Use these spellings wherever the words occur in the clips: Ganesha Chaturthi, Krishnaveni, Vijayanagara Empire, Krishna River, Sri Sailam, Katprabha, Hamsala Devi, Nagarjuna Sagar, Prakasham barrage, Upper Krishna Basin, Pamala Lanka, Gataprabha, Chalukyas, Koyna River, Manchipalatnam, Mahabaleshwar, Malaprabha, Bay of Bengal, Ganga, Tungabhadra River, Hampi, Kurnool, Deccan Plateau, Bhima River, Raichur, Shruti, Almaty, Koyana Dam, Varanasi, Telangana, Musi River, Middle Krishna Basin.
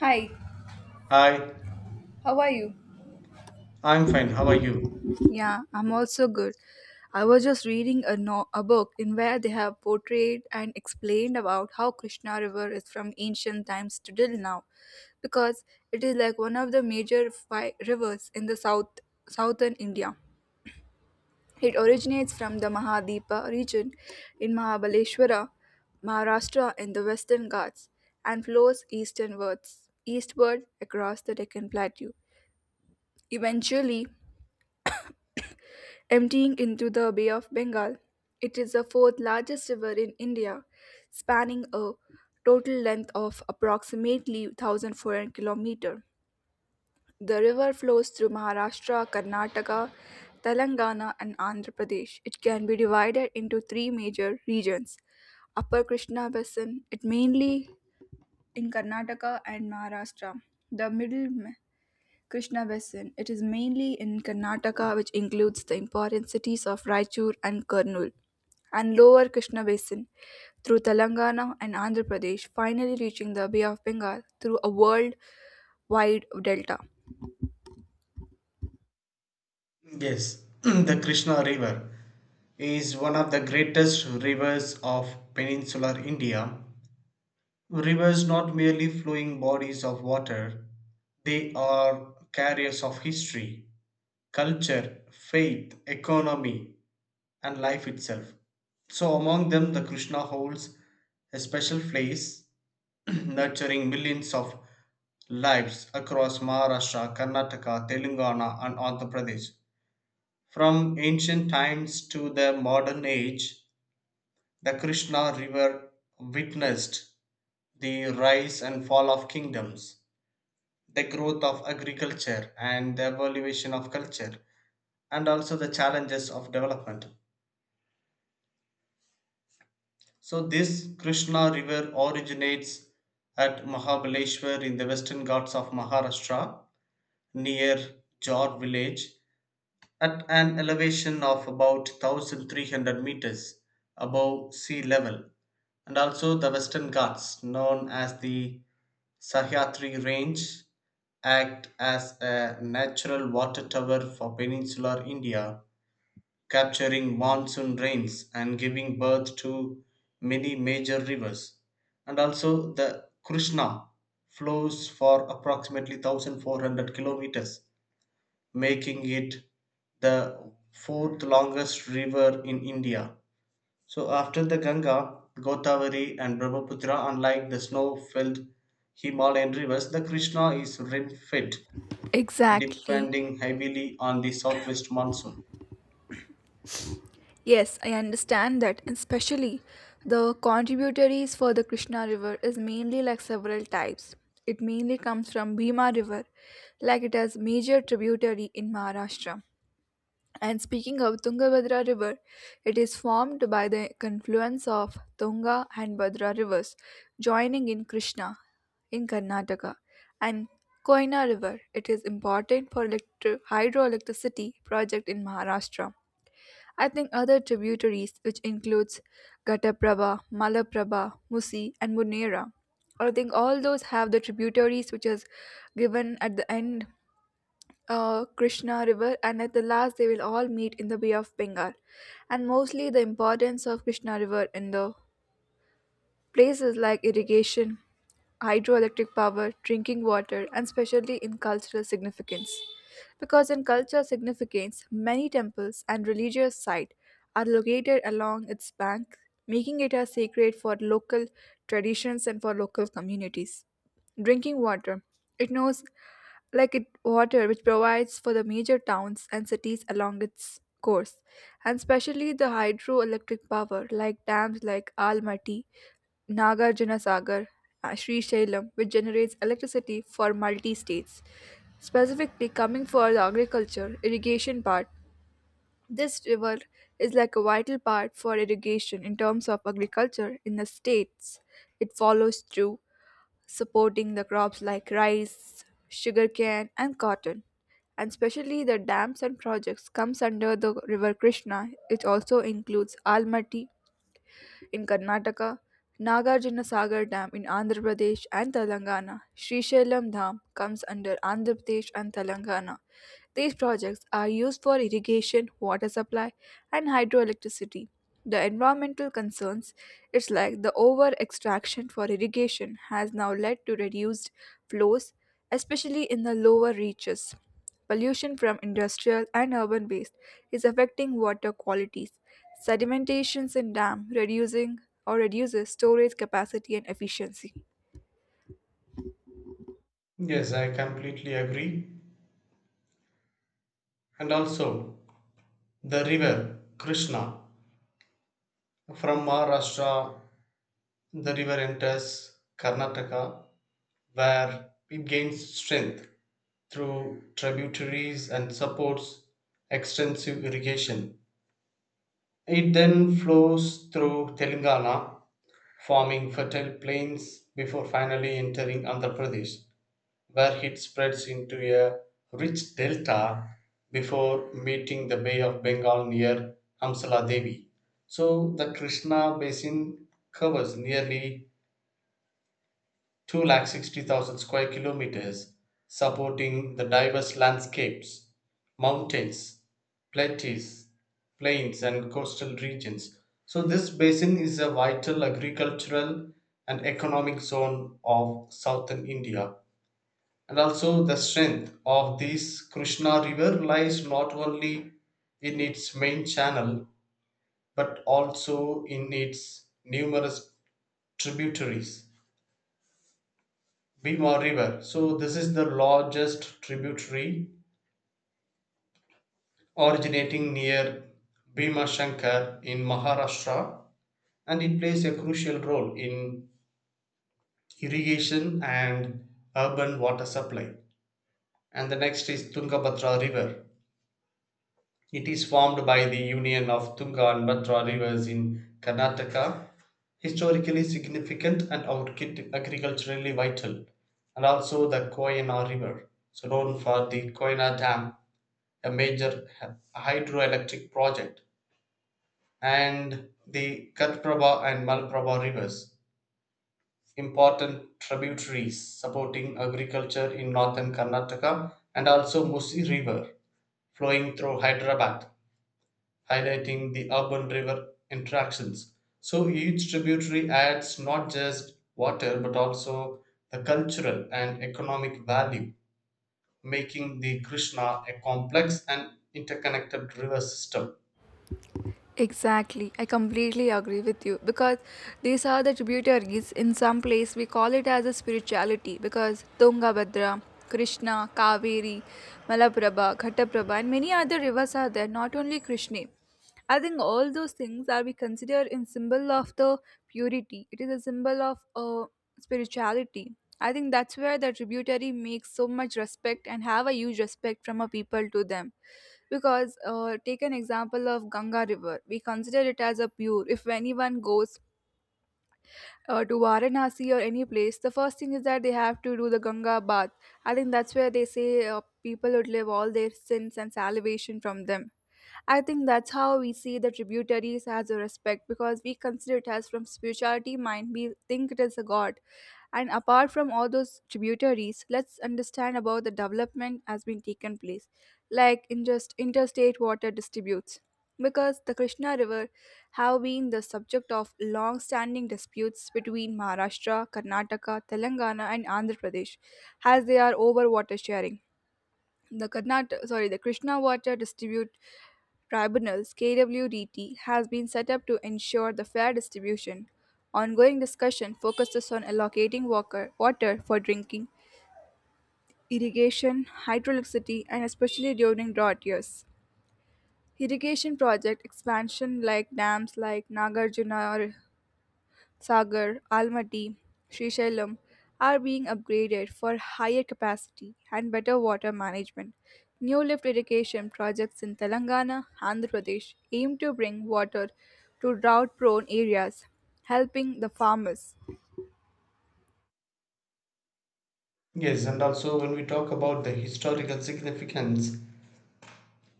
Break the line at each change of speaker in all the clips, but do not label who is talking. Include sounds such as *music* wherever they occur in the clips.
Hi,
Hi,
how are you?
I'm fine. How are you?
Yeah, I'm also good. I was just reading a, no- a book in where they have portrayed and explained about how Krishna River is from ancient times to till now, because it is like one of the major rivers in the southern India. It originates from the Mahadepa region in Mahabaleshwara, Maharashtra in the Western Ghats, and flows eastward across the Deccan Plateau. Eventually, emptying into the Bay of Bengal. It is the fourth largest river in India, spanning a total length of approximately 1400 km. The river flows through Maharashtra, Karnataka, Telangana and Andhra Pradesh. It can be divided into three major regions. Upper Krishna Basin, it mainly in Karnataka and Maharashtra. The middle Krishna Basin. It is mainly in Karnataka, which includes the important cities of Raichur and Kurnool, and lower Krishna Basin through Telangana and Andhra Pradesh, finally reaching the Bay of Bengal through a world-wide delta.
Yes, *clears throat* the Krishna River is one of the greatest rivers of peninsular India. Rivers not merely flowing bodies of water, they are carriers of history, culture, faith, economy, and life itself. So, among them, the Krishna holds a special place, *clears throat* nurturing millions of lives across Maharashtra, Karnataka, Telangana, and Andhra Pradesh. From ancient times to the modern age, the Krishna River witnessed the rise and fall of kingdoms, the growth of agriculture, and the evolution of culture, and also the challenges of development. So this Krishna river originates at Mahabaleshwar in the Western Ghats of Maharashtra near Jor village at an elevation of about 1300 meters above sea level, and also the Western Ghats, known as the Sahyadri range, act as a natural water tower for peninsular India, capturing monsoon rains and giving birth to many major rivers. And also, the Krishna flows for approximately 1400 kilometers, making it the fourth longest river in India. So, after the Ganga, Godavari, and Brahmaputra, unlike the snow filled Himalayan rivers, the Krishna is rain fed,
Exactly.
depending heavily on the southwest monsoon.
Yes, I understand that, and especially the contributaries for the Krishna River is mainly like several types. It mainly comes from Bhima River, like it has major tributary in Maharashtra. And speaking of Tungabhadra River, it is formed by the confluence of Tunga and Bhadra rivers, joining in Krishna in Karnataka and Koyna River. It is important for hydroelectricity project in Maharashtra. I think other tributaries, which includes Gataprabha, Malaprabha, Musi, and Munera. I think all those have the tributaries which is given at the end Krishna River, and at the last they will all meet in the Bay of Bengal, and mostly the importance of Krishna River in the places like irrigation, hydroelectric power, drinking water, and especially in cultural significance. Because in cultural significance, many temples and religious sites are located along its bank, making it a sacred for local traditions and for local communities. Drinking water, it knows like it water which provides for the major towns and cities along its course and especially the hydroelectric power like dams like Almaty Nagarjuna Sagar, Sri Shailam, which generates electricity for multi states. Specifically, coming for the agriculture irrigation part, this river is like a vital part for irrigation in terms of agriculture in the states. It follows through supporting the crops like rice, sugarcane, and cotton. And especially the dams and projects comes under the river Krishna. It also includes Almaty in Karnataka, Nagarjuna Sagar Dam in Andhra Pradesh and Telangana, Srisailam Dam comes under Andhra Pradesh and Telangana. These projects are used for irrigation, water supply, and hydroelectricity. The environmental concerns, it's like the over extraction for irrigation, has now led to reduced flows, especially in the lower reaches. Pollution from industrial and urban waste is affecting water qualities, sedimentations in dam reducing or reduces storage capacity and efficiency.
Yes, I completely agree. And also the river Krishna. From Maharashtra, the river enters Karnataka, where it gains strength through tributaries and supports extensive irrigation. It then flows through Telangana, forming fertile plains before finally entering Andhra Pradesh, where it spreads into a rich delta before meeting the Bay of Bengal near Hamsala Devi. So the Krishna basin covers nearly 2,60,000 square kilometers, supporting the diverse landscapes: mountains, plateaus, plains, and coastal regions. So this basin is a vital agricultural and economic zone of southern India, and also, the strength of this Krishna river lies not only in its main channel but also in its numerous tributaries. Bhima River. So, this is the largest tributary, originating near Bhima Shankar in Maharashtra, and it plays a crucial role in irrigation and urban water supply. And the next is Tungabhadra River. It is formed by the union of Tunga and Bhadra rivers in Karnataka, historically significant and agriculturally vital, and also the Koyana River, so known for the Koyana Dam, a major hydroelectric project, and the Katprabha and Malaprabha rivers, important tributaries supporting agriculture in northern Karnataka, and also Musi River flowing through Hyderabad, highlighting the urban river interactions. So each tributary adds not just water but also the cultural and economic value, making the Krishna a complex and interconnected river system.
Exactly, I completely agree with you because these are the tributaries in some place we call it as a spirituality because Tungabhadra, Krishna, Kaveri, Malaprabha, Ghataprabha and many other rivers are there not only Krishna. I think all those things are we consider in symbol of the purity. It is a symbol of uh, spirituality. I think that's where the tributary makes so much respect and have a huge respect from a people to them. Because take an example of Ganga River. We consider it as a pure. If anyone goes to Varanasi or any place, the first thing is that they have to do the Ganga bath. I think that's where they say people would live all their sins and salvation from them. I think that's how we see the tributaries as a respect because we consider it as from spirituality mind, we think it is a god. And apart from all those tributaries, let's understand about the development has been taken place, like in just interstate water disputes. Because the Krishna River have been the subject of long-standing disputes between Maharashtra, Karnataka, Telangana, and Andhra Pradesh, as they are over water sharing. The Krishna Water Distribute Tribunals KWDT has been set up to ensure the fair distribution. Ongoing discussion focuses on allocating water, water for drinking, irrigation, hydroelectricity, and especially during drought years. Irrigation project expansion like dams like Nagarjuna Sagar, Almaty, Srisailam are being upgraded for higher capacity and better water management. New lift irrigation projects in Telangana, Andhra Pradesh aim to bring water to drought prone areas, helping the farmers.
Yes, and also when we talk about the historical significance,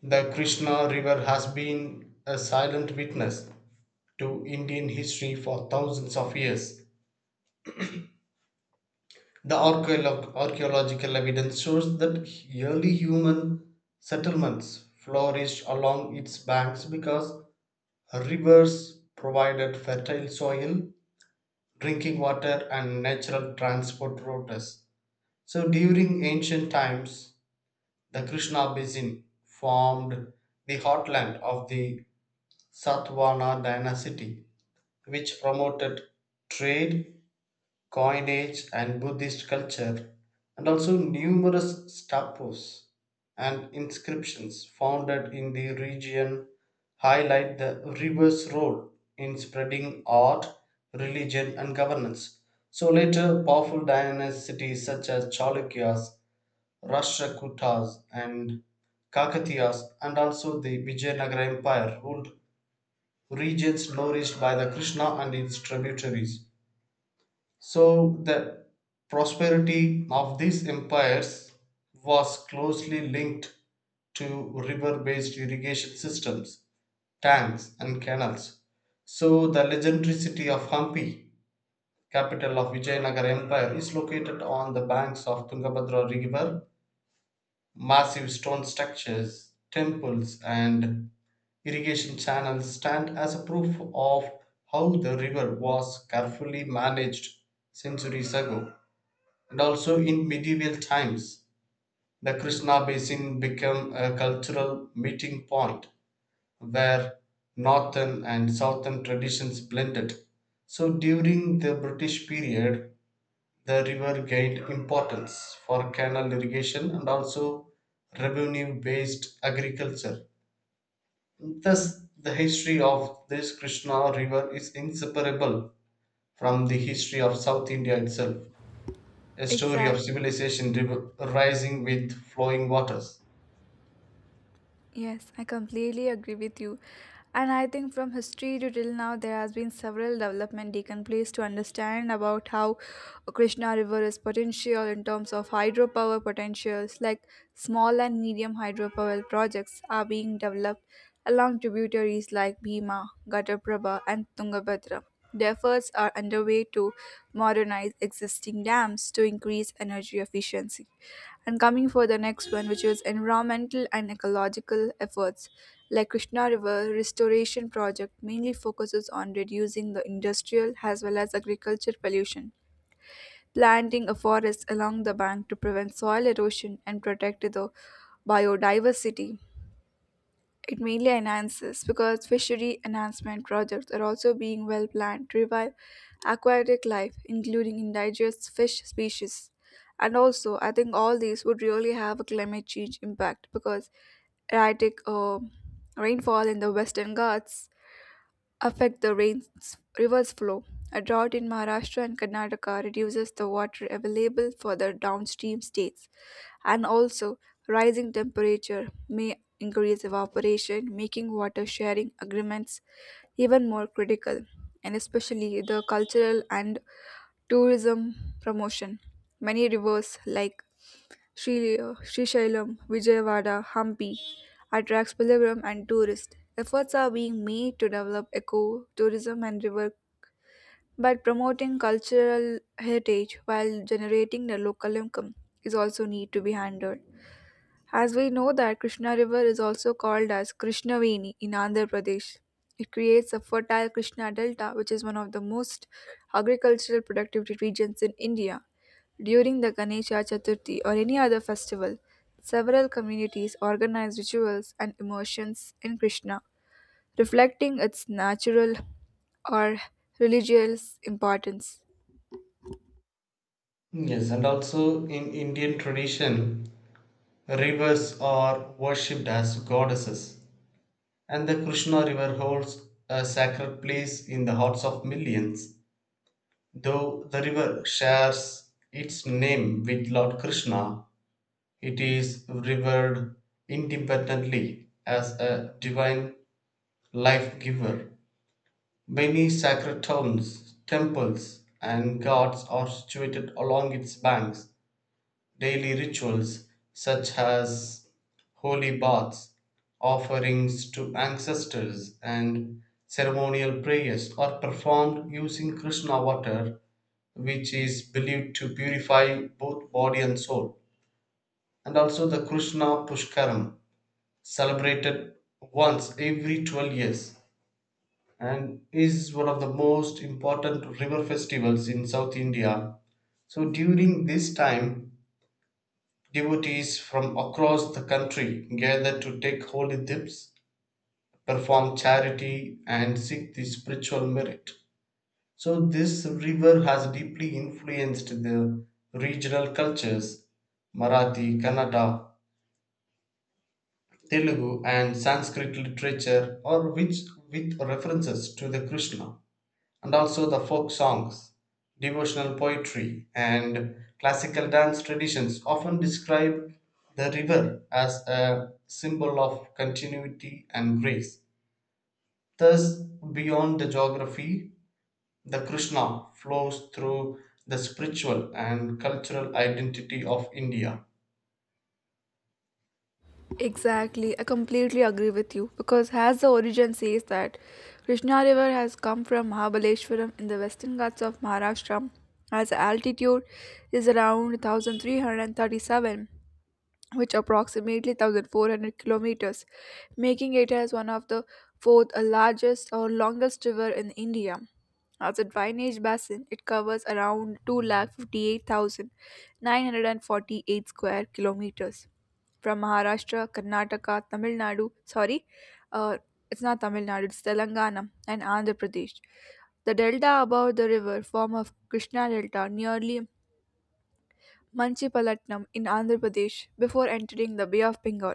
the Krishna River has been a silent witness to Indian history for thousands of years. The archaeological evidence shows that early human settlements flourished along its banks because rivers provided fertile soil, drinking water, and natural transport routes. So during ancient times, the Krishna basin formed the heartland of the Satavahana dynasty, which promoted trade, coinage, and Buddhist culture, and also numerous statues and inscriptions founded in the region highlight the river's role in spreading art, religion, and governance. So later, powerful dynasties such as Chalukyas, Rashtrakutas, and Kakatiyas, and also the Vijayanagara Empire, ruled regions nourished by the Krishna and its tributaries. So the prosperity of these empires was closely linked to river based irrigation systems, tanks, and canals. So the legendary city of Hampi, capital of Vijayanagara Empire, is located on the banks of Tungabhadra River. Massive stone structures, temples, and irrigation channels stand as a proof of how the river was carefully managed centuries ago. And also in medieval times, the Krishna basin became a cultural meeting point where northern and southern traditions blended. So during the British period, the river gained importance for canal irrigation and also revenue based agriculture. Thus, the history of this Krishna river is inseparable from the history of South India itself, a story of
Exact.
civilization rising with flowing waters.
Yes, I completely agree with you. And I think from history to till now, there has been several development taken place to understand about how Krishna River is potential in terms of hydropower potentials, like small and medium hydropower projects are being developed along tributaries like Bhima, Ghataprabha, and Tungabhadra. The efforts are underway to modernize existing dams to increase energy efficiency and coming for the next one which is environmental and ecological efforts like Krishna river restoration project mainly focuses on reducing the industrial as well as agriculture pollution planting a forest along the bank to prevent soil erosion and protect the biodiversity. It mainly enhances because fishery enhancement projects are also being well planned to revive aquatic life, including indigenous fish species. And also, I think all these would really have a climate change impact because erratic rainfall in the Western Ghats affect the rain's rivers flow. A drought in Maharashtra and Karnataka reduces the water available for the downstream states and also, rising temperature may increase evaporation, making water sharing agreements even more critical, and especially the cultural and tourism promotion. Many rivers like Sri Shisailam, Vijayawada, Hampi attracts pilgrim and tourists. Efforts are being made to develop eco tourism and river by promoting cultural heritage while generating the local income is also need to be handled. As we know that Krishna River is also called as Krishnaveni in Andhra Pradesh. It creates a fertile Krishna Delta, which is one of the most agricultural productivity regions in India. During the Ganesha Chaturthi or any other festival, several communities organize rituals and immersions in Krishna, reflecting its natural or religious importance.
Yes, and also in Indian tradition, rivers are worshipped as goddesses, and the Krishna River holds a sacred place in the hearts of millions. Though the river shares its name with Lord Krishna, it is revered independently as a divine life giver. Many sacred towns, temples, and gods are situated along its banks. Daily rituals, such as holy baths, offerings to ancestors, and ceremonial prayers, are performed using Krishna water, which is believed to purify both body and soul. And also the Krishna Pushkaram, celebrated once every 12 years, and is one of the most important river festivals in South India. So during this time, devotees from across the country gather to take holy dips, perform charity, and seek the spiritual merit. So this river has deeply influenced the regional cultures: Marathi, Kannada, Telugu, and Sanskrit literature, or which with references to the Krishna. And also the folk songs, devotional poetry, and classical dance traditions often describe the river as a symbol of continuity and grace. Thus, beyond the geography, the Krishna flows through the spiritual and cultural identity of India.
Exactly, I completely agree with you because as the origin says that Krishna River has come from Mahabaleshwaram in the Western Ghats of Maharashtra as altitude is around 1337, which approximately 1400 kilometers, making it as one of the fourth largest or longest river in India. As a drainage basin it covers around two lakh 58,948 square kilometers from Maharashtra, Karnataka, Tamil Nadu, sorry, uh, it's not Tamil Nadu, it's Telangana and Andhra Pradesh. The delta above the river form of Krishna Delta nearly Manchipalatnam in Andhra Pradesh before entering the Bay of Bengal.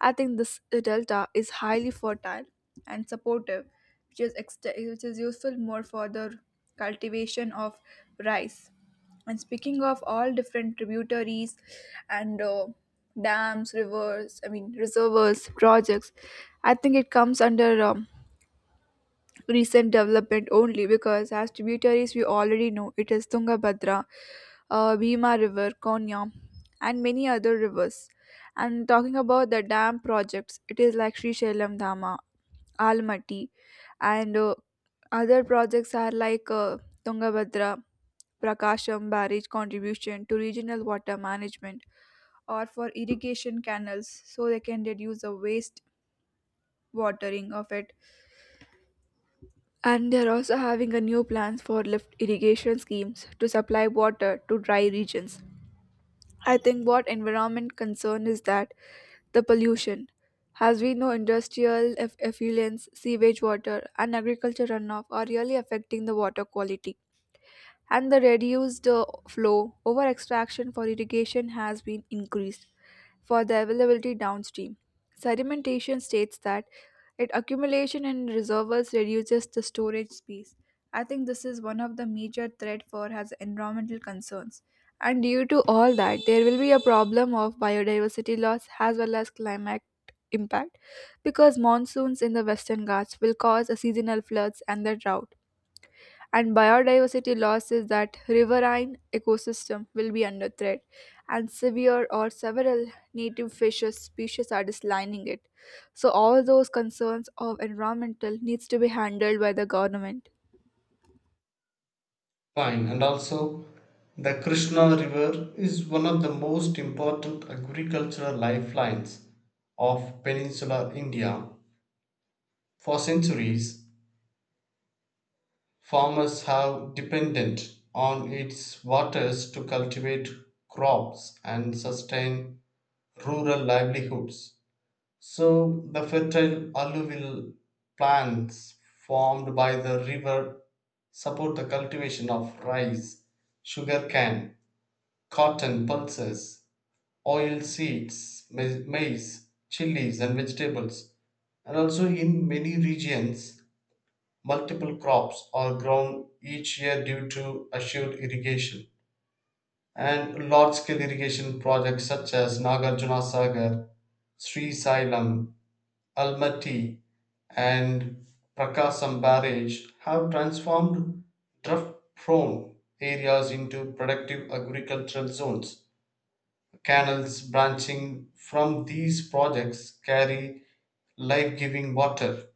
I think this delta is highly fertile and supportive, which is, which is useful more for the cultivation of rice. And speaking of all different tributaries and dams, rivers, I mean reservoirs, projects, I think it comes under recent development only because as tributaries we already know it is Tungabhadra, Bhima River, Konya, and many other rivers. And talking about the dam projects, it is like Sri Shailam Dhamma, Almaty, and other projects are like Tungabhadra, Prakasham barrage contribution to regional water management or for irrigation canals so they can reduce the waste watering of it. And they are also having a new plans for lift irrigation schemes to supply water to dry regions. I think what environment concern is that the pollution. As we know, industrial effluents, sewage water, and agriculture runoff are really affecting the water quality and the reduced flow over extraction for irrigation has been increased for the availability downstream. Sedimentation states that its accumulation in reservoirs reduces the storage space. I think this is one of the major threat for has environmental concerns. And due to all that, there will be a problem of biodiversity loss as well as climate impact because monsoons in the Western Ghats will cause a seasonal floods and the drought and biodiversity loss is that riverine ecosystem will be under threat and severe or several native fishes species are declining it so all those concerns of environmental needs to be handled by the government.
Fine, and also the Krishna River is one of the most important agricultural lifelines of peninsular India. For centuries, farmers have depended on its waters to cultivate crops and sustain rural livelihoods. So the fertile alluvial plains formed by the river support the cultivation of rice, sugarcane, cotton, pulses, oil seeds, maize, chilies, and vegetables. And also in many regions, multiple crops are grown each year due to assured irrigation, and large scale irrigation projects such as Nagarjuna Sagar, Sri Sailam, Almaty, and Prakasam Barrage have transformed drought prone areas into productive agricultural zones. Canals branching from these projects carry life giving water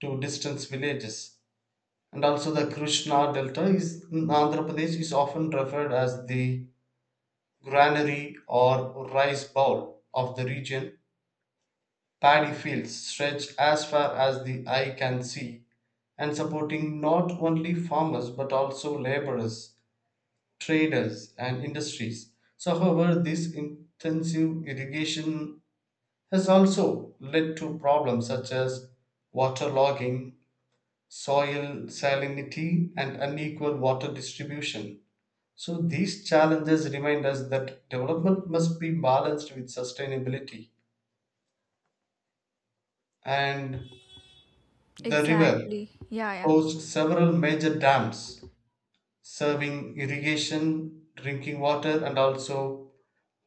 to distant villages, and also the Krishna Delta is in Andhra Pradesh is often referred as the granary or rice bowl of the region. Paddy fields stretch as far as the eye can see, and supporting not only farmers but also laborers, traders, and industries. So however, this intensive irrigation has also led to problems such as waterlogging, soil salinity, and unequal water distribution. So these challenges remind us that development must be balanced with sustainability. And the river
Exactly, yeah, yeah.
hosts several major dams, serving irrigation, drinking water, and also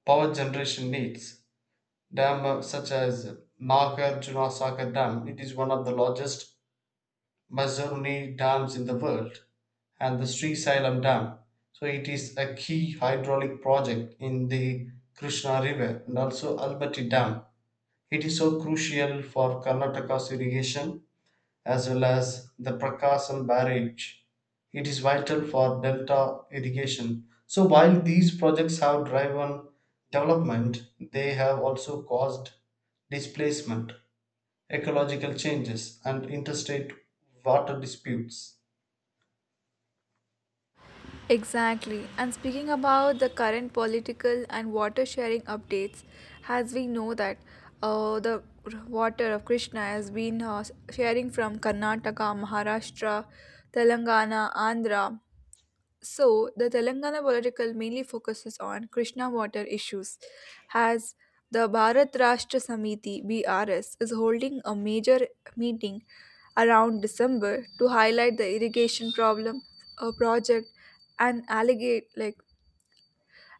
power generation needs. Dam such as Nagarjuna Sagar Dam, it is one of the largest Mazaruni dams in the world, and the Sri Sailam dam. So it is a key hydraulic project in the Krishna River, and also Albati dam. It is so crucial for Karnataka's irrigation, as well as the Prakasam barrage. It is vital for delta irrigation. So while these projects have driven development, they have also caused displacement, ecological changes, and interstate water disputes.
Exactly. And speaking about the current political and water sharing updates, as we know that the water of Krishna has been sharing from Karnataka, Maharashtra, Telangana, Andhra, so, the Telangana political mainly focuses on Krishna water issues, as the Bharat Rashtra Samiti (BRS) is holding a major meeting around December to highlight the irrigation problem, a project, and allegate like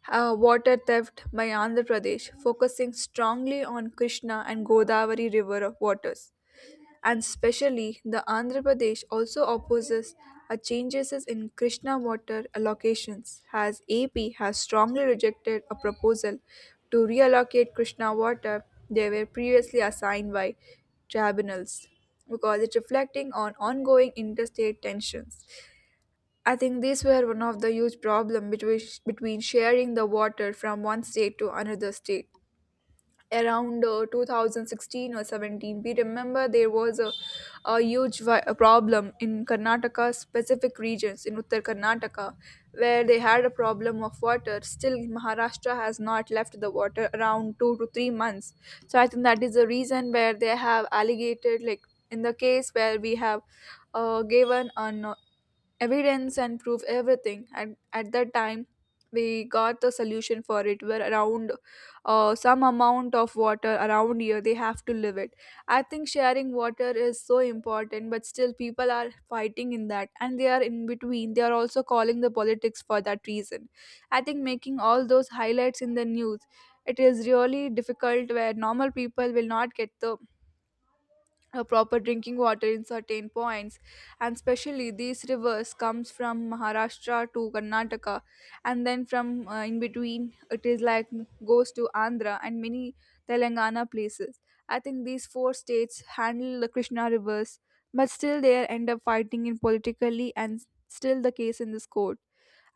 water theft by Andhra Pradesh, focusing strongly on Krishna and Godavari river of waters and specially the Andhra Pradesh also opposes a changes in Krishna water allocations as AP has strongly rejected a proposal to reallocate Krishna water they were previously assigned by tribunals because it's reflecting on ongoing interstate tensions. I think these were one of the huge problem between sharing the water from one state to another state around 2016 or 17. We remember there was a problem in Karnataka, specific regions in Uttar Karnataka, where they had a problem of water. Still Maharashtra has not left the water around 2 to 3 months, so I think that is the reason where they have allocated like in the case where we have given an evidence and proof everything, and at that time we got the solution for it where around some amount of water around here they have to live it. I think sharing water is so important, but still people are fighting in that, and they are in between, they are also calling the politics for that reason. I think making all those highlights in the news, it is really difficult where normal people will not get the a proper drinking water in certain points. And especially these rivers comes from Maharashtra to Karnataka, and then from in between it is like goes to Andhra and many Telangana places. I think these four states handle the Krishna rivers, but still they end up fighting in politically, and still the case in this court.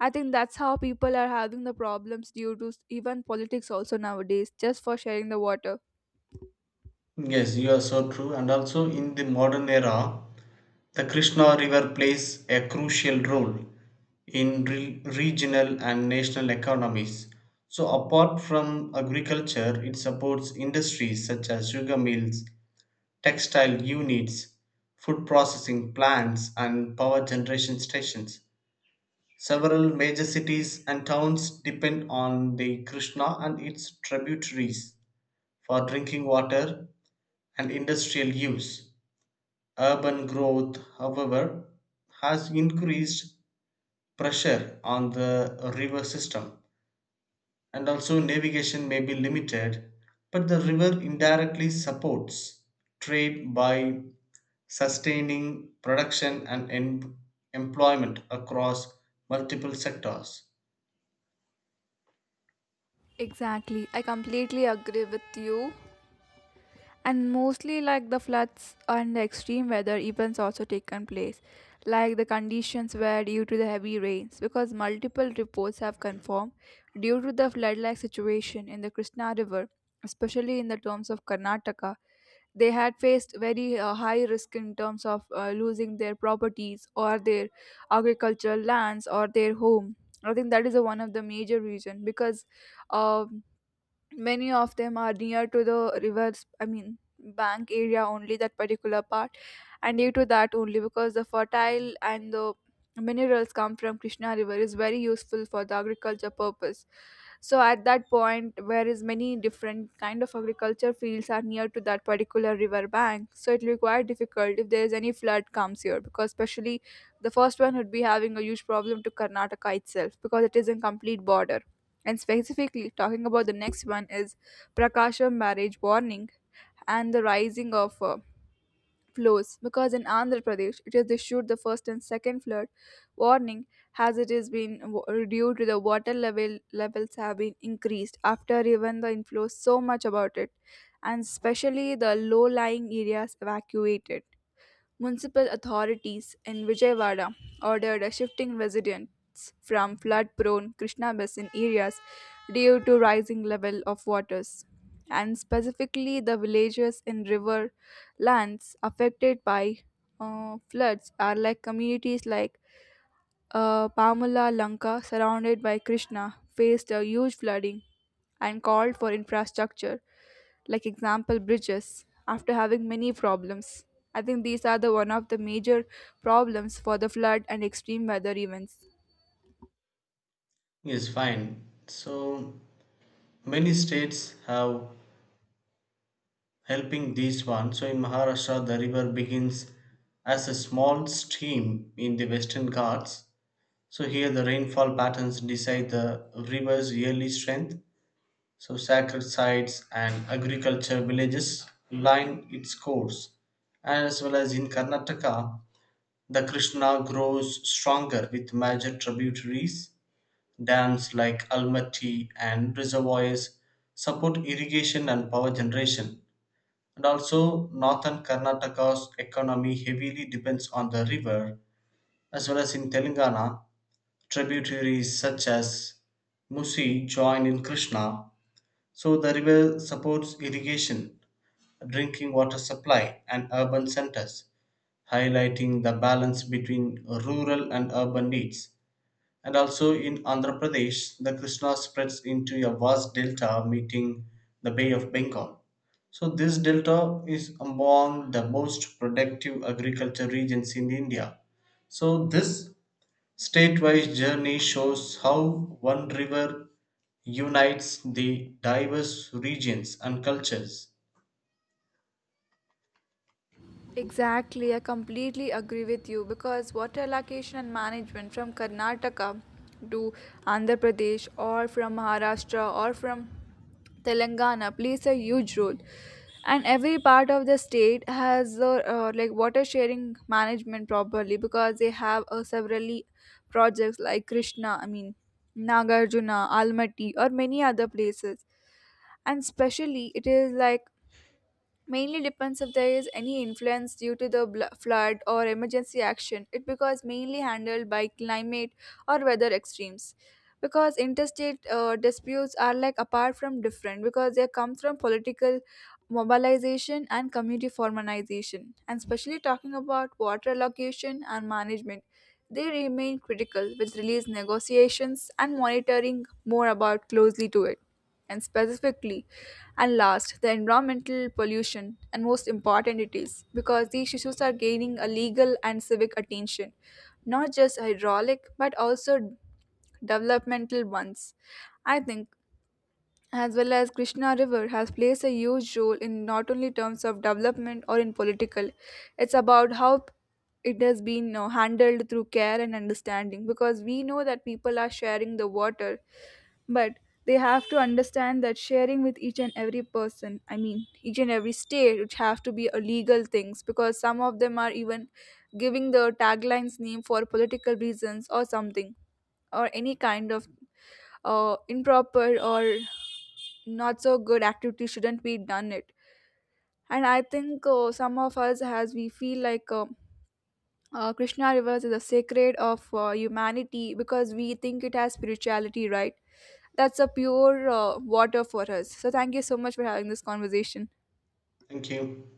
I think that's how people are having the problems due to even politics also nowadays, just for sharing the water.
Yes, you are so true. And also in the modern era, the Krishna River plays a crucial role in regional and national economies. So, apart from agriculture, it supports industries such as sugar mills, textile units, food processing plants, and power generation stations. Several major cities and towns depend on the Krishna and its tributaries for drinking water and industrial use. Urban growth, however, has increased pressure on the river system, and also navigation may be limited, but the river indirectly supports trade by sustaining production and employment across multiple sectors.
Exactly, I completely agree with you. And mostly like the floods and the extreme weather events also taken place, like the conditions were due to the heavy rains, because multiple reports have confirmed due to the flood like situation in the Krishna river, especially in the terms of Karnataka. They had faced very high risk in terms of losing their properties or their agricultural lands or their home. I think that is one of the major reason, because uh, many of them are near to the rivers, I mean bank area only that particular part. And due to that only, because the fertile and the minerals come from Krishna river is very useful for the agriculture purpose. So at that point where is many different kind of agriculture fields are near to that particular river bank, so it will be quite difficult if there is any flood comes here, because especially the first one would be having a huge problem to Karnataka itself because it is in complete border. And specifically, talking about the next one is Prakasham marriage warning and the rising of flows. Because in Andhra Pradesh, it is issued the first and second flood warning, as it has been due to the water level levels have been increased after even the inflows so much about it, and especially the low-lying areas evacuated. Municipal authorities in Vijayawada ordered a shifting residents from flood-prone Krishna basin areas due to rising level of waters, and specifically the villages in river lands affected by floods are like communities like Pamala Lanka, surrounded by Krishna, faced a huge flooding and called for infrastructure, like example bridges, after having many problems. I think these are the one of the major problems for the flood and extreme weather events.
Is fine. So many states have helping these one. So in Maharashtra, the river begins as a small stream in the Western Ghats. So here the rainfall patterns decide the river's yearly strength. So sacred sites and agriculture villages line its course. As well as in Karnataka, the Krishna grows stronger with major tributaries. Dams like Almaty and reservoirs support irrigation and power generation. And also, northern Karnataka's economy heavily depends on the river, as well as in Telangana, tributaries such as Musi join in Krishna. So, the river supports irrigation, drinking water supply, and urban centers, highlighting the balance between rural and urban needs. And also in Andhra Pradesh, the Krishna spreads into a vast delta meeting the Bay of Bengal. So, this delta is among the most productive agriculture regions in India. So, this state-wise journey shows how one river unites the diverse regions and cultures.
Exactly, I completely agree with you, because water allocation and management from Karnataka to Andhra Pradesh or from Maharashtra or from Telangana plays a huge role. And every part of the state has like water sharing management properly, because they have several e, projects like Krishna, I mean Nagarjuna, Almaty, or many other places. And specially, it is like mainly depends if there is any influence due to the flood or emergency action, it becomes mainly handled by climate or weather extremes, because interstate disputes are like apart from different because they come from political mobilization and community formalization. And especially talking about water allocation and management, they remain critical with release negotiations and monitoring more about closely to it. And specifically and last, the environmental pollution and most important it is, because these issues are gaining a legal and civic attention, not just hydraulic but also developmental ones. I think, as well as Krishna River has played a huge role in not only terms of development or in political, it's about how it has been handled through care and understanding, because we know that people are sharing the water, but they have to understand that sharing with each and every person, I mean each and every state, which have to be a legal things, because some of them are even giving the taglines name for political reasons or something, or any kind of improper or not so good activity shouldn't be done it. And I think some of us has we feel like Krishna rivers is a sacred of humanity, because we think it has spirituality, right? That's a pure water for us. So thank you so much for having this conversation.
Thank you.